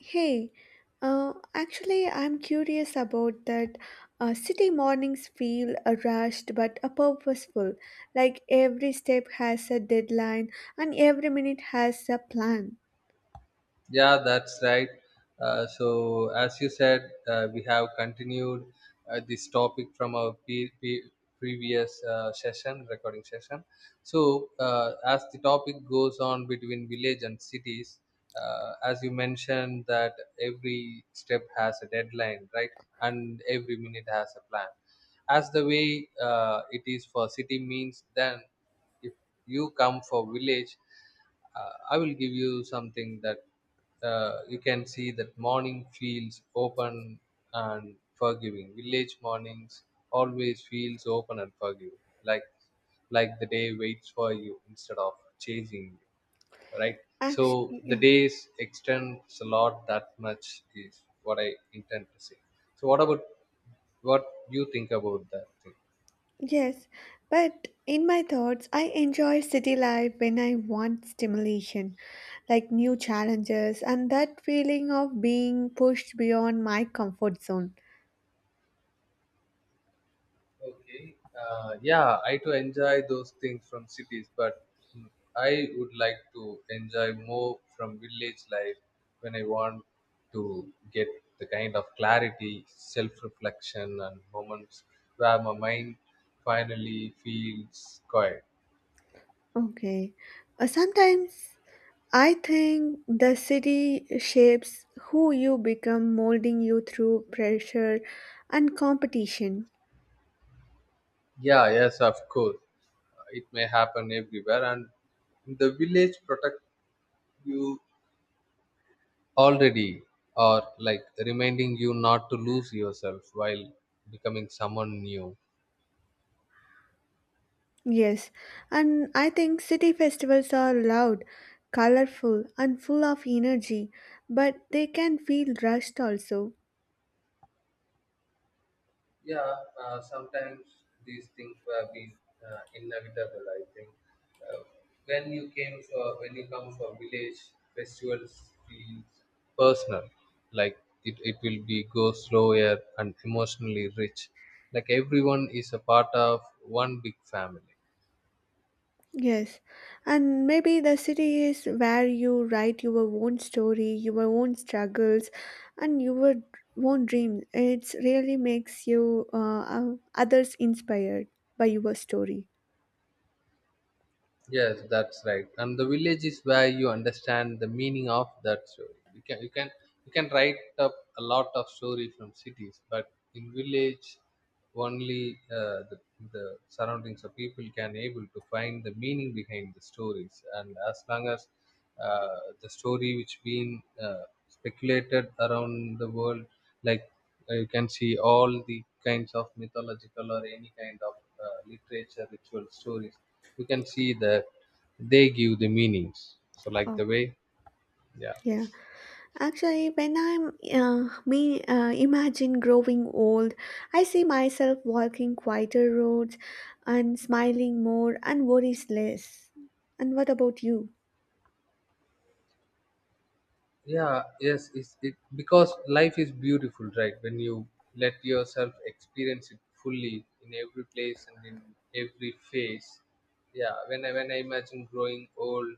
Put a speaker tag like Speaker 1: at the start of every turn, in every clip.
Speaker 1: Hey, actually, I'm curious about that. City mornings feel rushed but purposeful, like every step has a deadline and every minute has a plan.
Speaker 2: Yeah, that's right. So, as you said, we have continued this topic from our previous session, recording session. So, as the topic goes on between village and cities, as you mentioned, that every step has a deadline, right? And every minute has a plan. As the way it is for city means, then if you come for village, I will give you something that you can see that morning feels open and forgiving. Village mornings always feels open and forgiving, like the day waits for you instead of chasing you, right? So
Speaker 1: Actually,
Speaker 2: the
Speaker 1: yeah,
Speaker 2: days extends a lot, that much is what I intend to say. So what about, what you think about that thing?
Speaker 1: yes, but in my thoughts, I enjoy city life when I want stimulation, like new challenges, and that feeling of being pushed beyond my comfort zone.
Speaker 2: Okay. Yeah, I too enjoy those things from cities, but mm, I would like to enjoy more from village life when I want to get the kind of clarity, self-reflection, and moments where my mind finally feels quiet.
Speaker 1: Okay, sometimes. I think the city shapes who you become, molding you through pressure and competition.
Speaker 2: Yeah, yes, of course. It may happen everywhere, and the village protect you already, or like reminding you not to lose yourself while becoming someone new.
Speaker 1: Yes, and I think city festivals are loud, colorful, and full of energy, but they can feel rushed also.
Speaker 2: Yeah, sometimes these things have been, inevitable I think. uh, when you came for when you come for village, festivals feels personal, like it will be go slower and emotionally rich, like everyone is a part of one big family.
Speaker 1: Yes, and maybe the city is where you write your own story, your own struggles, and your own dreams. It really makes you others inspired by your story.
Speaker 2: Yes, that's right. And the village is where you understand the meaning of that story. You can write up a lot of story from cities, but in village, only the surroundings of people can able to find the meaning behind the stories. And as long as the story which been speculated around the world, like you can see all the kinds of mythological or any kind of literature ritual stories, you can see that they give the meanings, so like the
Speaker 1: Okay.
Speaker 2: way. yeah
Speaker 1: Yeah, actually, when I'm me imagine growing old, I see myself walking quieter roads and smiling more and worries less. And what about you?
Speaker 2: yeah, yes, it because life is beautiful, right? When you let yourself experience it fully in every place and in every phase. Yeah, when I imagine growing old,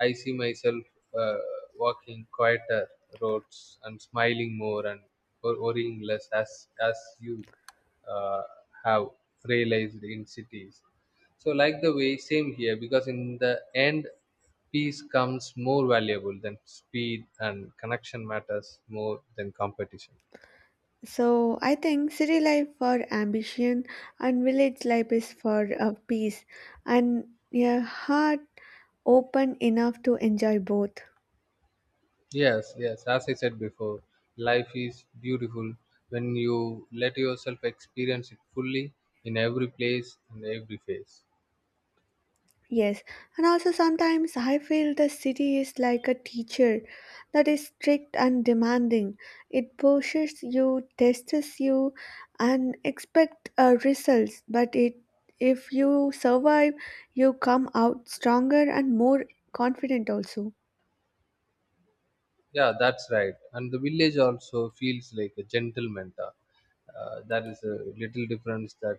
Speaker 2: I see myself, uh, walking quieter roads and smiling more and worrying less, as you uh, have realized in cities. So like the way, same here, because in the end peace comes more valuable than speed and connection matters more than competition.
Speaker 1: So I think city life for ambition and village life is for peace and a heart open enough to enjoy both.
Speaker 2: Yes, yes, as I said before, life is beautiful when you let yourself experience it fully in every place and every phase.
Speaker 1: Yes, and also sometimes I feel the city is like a teacher that is strict and demanding. It pushes you, tests you, and expect results. But it, if you survive, you come out stronger and more confident also.
Speaker 2: Yeah, that's right. And the village also feels like a gentle mentor. That is a little difference, that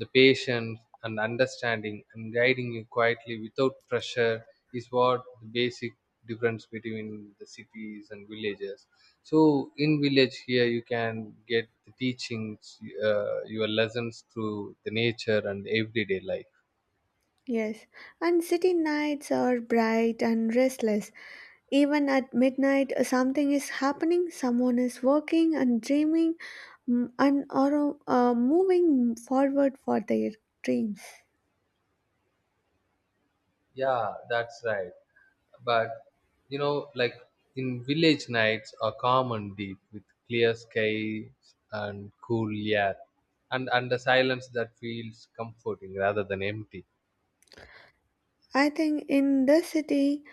Speaker 2: the patience and understanding and guiding you quietly without pressure is what the basic difference between the cities and villages. So in village here you can get the teachings, your lessons through the nature and everyday life.
Speaker 1: Yes, and city nights are bright and restless. Even at midnight, something is happening, someone is working and dreaming and are moving forward for their dreams.
Speaker 2: Yeah, that's right. But you know, like in village nights are common deep with clear skies and cool air, and the silence that feels comforting rather than empty.
Speaker 1: I think in the city,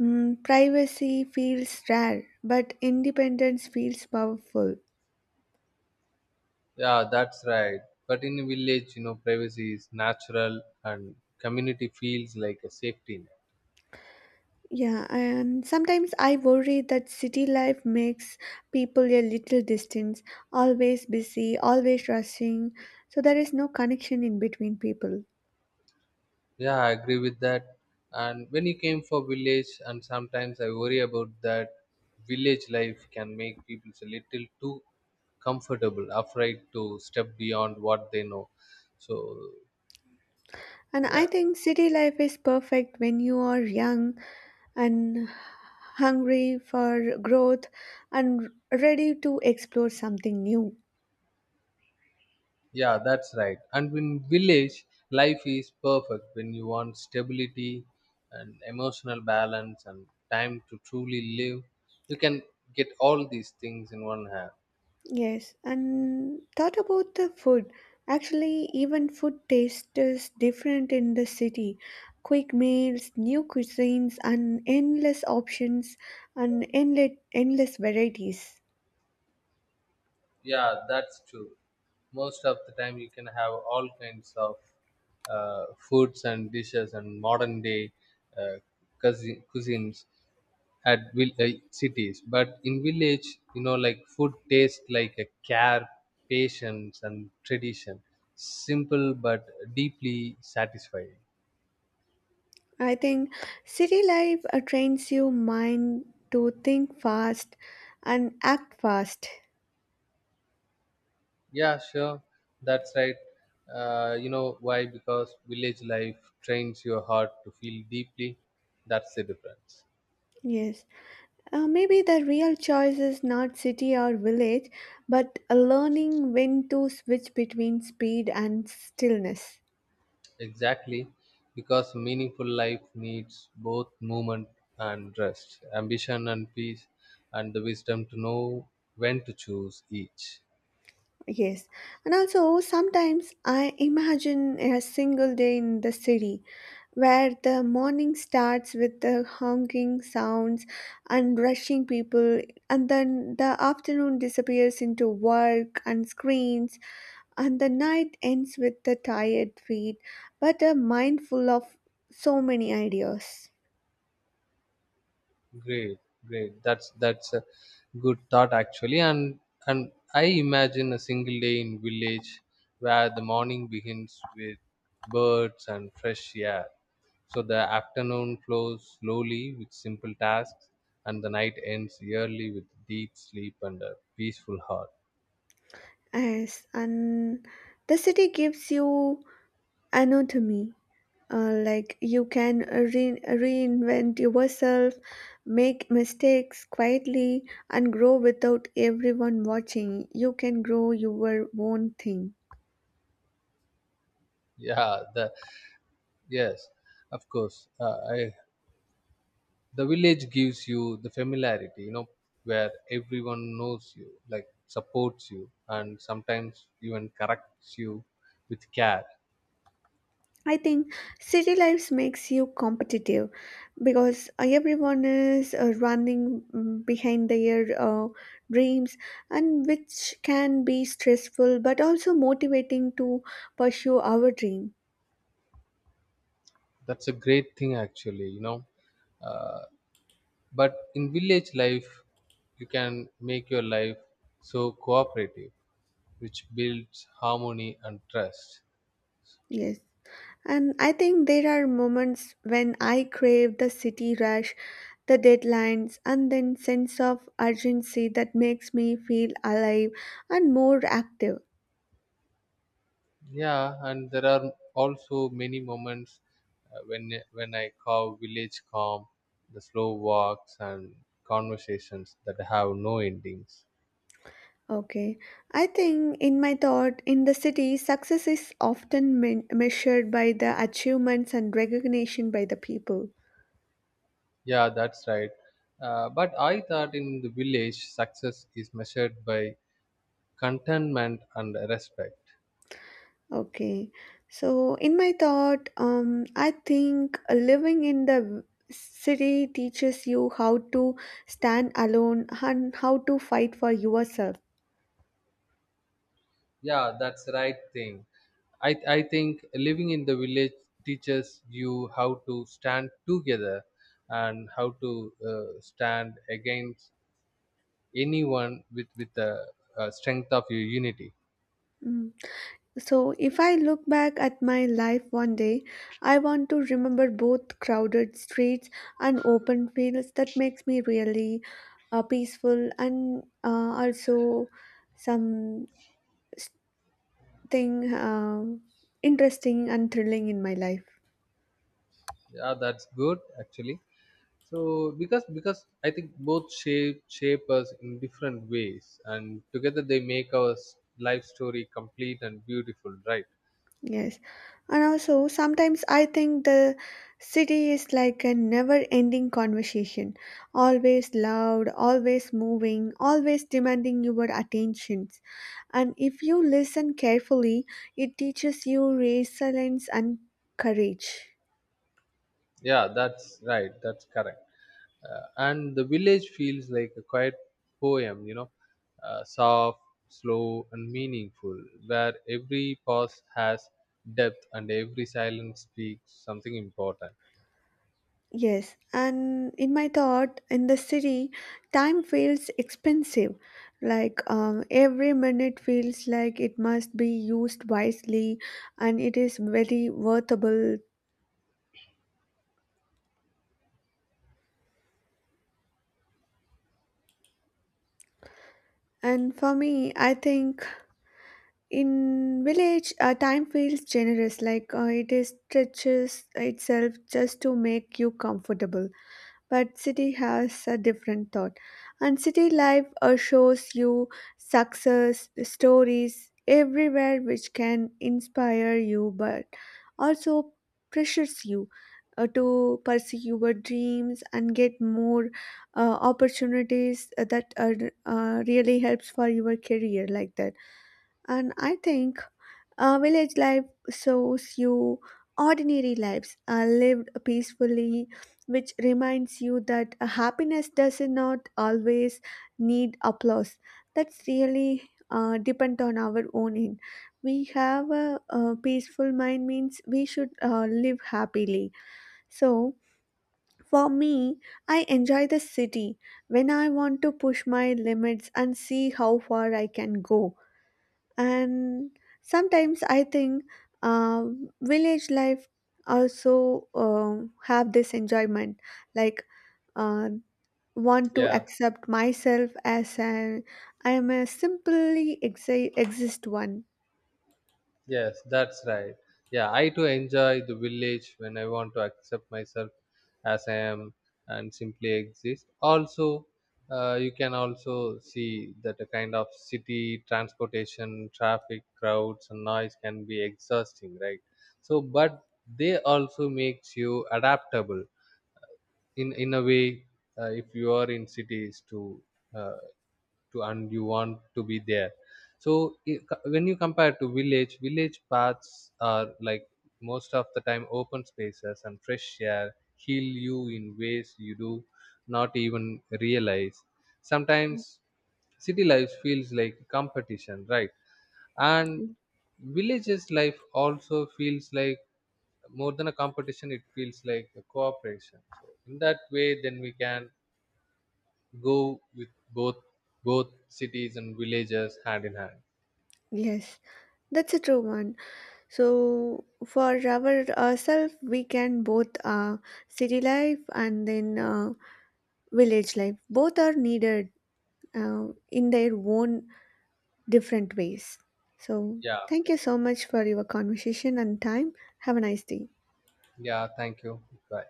Speaker 1: privacy feels rare, but independence feels powerful.
Speaker 2: Yeah, that's right. But in a village, you know, privacy is natural and community feels like a safety net.
Speaker 1: Yeah, and sometimes I worry that city life makes people a little distant, always busy, always rushing, so there is no connection in between people.
Speaker 2: Yeah, I agree with that. And when you came for village, and sometimes I worry about that, village life can make people a little too comfortable, afraid to step beyond what they know. So,
Speaker 1: And I
Speaker 2: yeah,
Speaker 1: think city life is perfect when you are young and hungry for growth and ready to explore something new.
Speaker 2: yeah, that's right. And in village, life is perfect when you want stability and emotional balance and time to truly live. You can get all these things in one hand.
Speaker 1: Yes, and thought about the food. Actually, even food taste is different in the city. Quick meals, new cuisines, and endless options, and endless, endless varieties.
Speaker 2: Yeah, that's true. Most of the time, you can have all kinds of foods and dishes and modern day uh, cuisines at cities. But in village, you know, like food tastes like a care, patience, and tradition. Simple but deeply satisfying.
Speaker 1: I think city life trains your mind to think fast and act fast.
Speaker 2: Yeah, sure. That's right. You know why? Because village life trains your heart to feel deeply. That's the difference.
Speaker 1: Yes, maybe the real choice is not city or village, but learning when to switch between speed and stillness.
Speaker 2: Exactly, because meaningful life needs both movement and rest, ambition and peace, and the wisdom to know when to choose each.
Speaker 1: Yes, and also sometimes I imagine a single day in the city where the morning starts with the honking sounds and rushing people, and then the afternoon disappears into work and screens, and the night ends with the tired feet, but a mind full of so many ideas.
Speaker 2: Great, great. That's a good thought actually, and I imagine a single day in village where the morning begins with birds and fresh air. So the afternoon flows slowly with simple tasks, and the night ends yearly with deep sleep and a peaceful heart.
Speaker 1: Yes, and the city gives you anatomy. Like you can reinvent yourself, make mistakes quietly, and grow without everyone watching. You can grow your own thing.
Speaker 2: Yeah the Yes, of course, I, the village gives you the familiarity, you know, where everyone knows you, like supports you and sometimes even corrects you with care.
Speaker 1: I think city life makes you competitive because everyone is running behind their dreams, and which can be stressful but also motivating to pursue our dream.
Speaker 2: That's a great thing actually, you know. uh, but in village life you can make your life so cooperative, which builds harmony and trust.
Speaker 1: Yes. And I think there are moments when I crave the city rush, the deadlines, and then sense of urgency that makes me feel alive and more active.
Speaker 2: Yeah, and there are also many moments, when I call village calm, the slow walks and conversations that have no endings.
Speaker 1: Okay, I think in my thought, in the city, success is often measured by the achievements and recognition by the people.
Speaker 2: Yeah, that's right. But I thought in the village, success is measured by contentment and respect.
Speaker 1: Okay, so in my thought, I think living in the city teaches you how to stand alone and how to fight for yourself.
Speaker 2: Yeah, that's right thing. I think living in the village teaches you how to stand together and how to stand against anyone with a strength of your unity.
Speaker 1: Mm. So, if I look back at my life one day, I want to remember both crowded streets and open fields that makes me really peaceful and also something uh, interesting and thrilling in my life.
Speaker 2: Yeah, that's good actually. So because I think both shape us in different ways, and together they make our life story complete and beautiful, right?
Speaker 1: Yes. And also, sometimes I think the city is like a never ending conversation, always loud, always moving, always demanding your attentions. And if you listen carefully, it teaches you resilience and courage.
Speaker 2: Yeah, that's right, that's correct. And the village feels like a quiet poem, you know, soft, slow and meaningful, where every pause has depth and every silence speaks something important.
Speaker 1: Yes, and in my thought, in the city, time feels expensive. Like every minute feels like it must be used wisely and it is very worthable. And for me, I think in village, time feels generous. Like it is stretches itself just to make you comfortable. But city has a different thought and city life shows you success stories everywhere which can inspire you but also pressures you to pursue your dreams and get more opportunities that are really helps for your career like that. And I think village life shows you ordinary lives are lived peacefully, which reminds you that happiness does not always need applause. That's really depend on our own end. We have a peaceful mind means we should live happily. So for me, I enjoy the city when I want to push my limits and see how far I can go, and sometimes I think village life also have this enjoyment, like uh, want to
Speaker 2: Yeah.
Speaker 1: accept myself as an I am a simply exist one.
Speaker 2: Yes, that's right. Yeah, I too enjoy the village when I want to accept myself as I am and simply exist. Also, you can also see that a kind of city transportation, traffic, crowds, and noise can be exhausting, right? So, but they also makes you adaptable in a way, if you are in cities to. Uh, and you want to be there. So when you compare to village paths are like most of the time open spaces and fresh air heal you in ways you do not even realize. Sometimes city life feels like competition, right? And villages life also feels like, more than a competition, it feels like a cooperation. So in that way, then we can go with both, both cities and villages hand in hand.
Speaker 1: Yes, that's a true one. So for ourselves we can both city life and then village life both are needed uh, in their own different ways. So,
Speaker 2: Yeah,
Speaker 1: thank you so much for your conversation and time. Have a nice day.
Speaker 2: yeah. Thank you. Bye.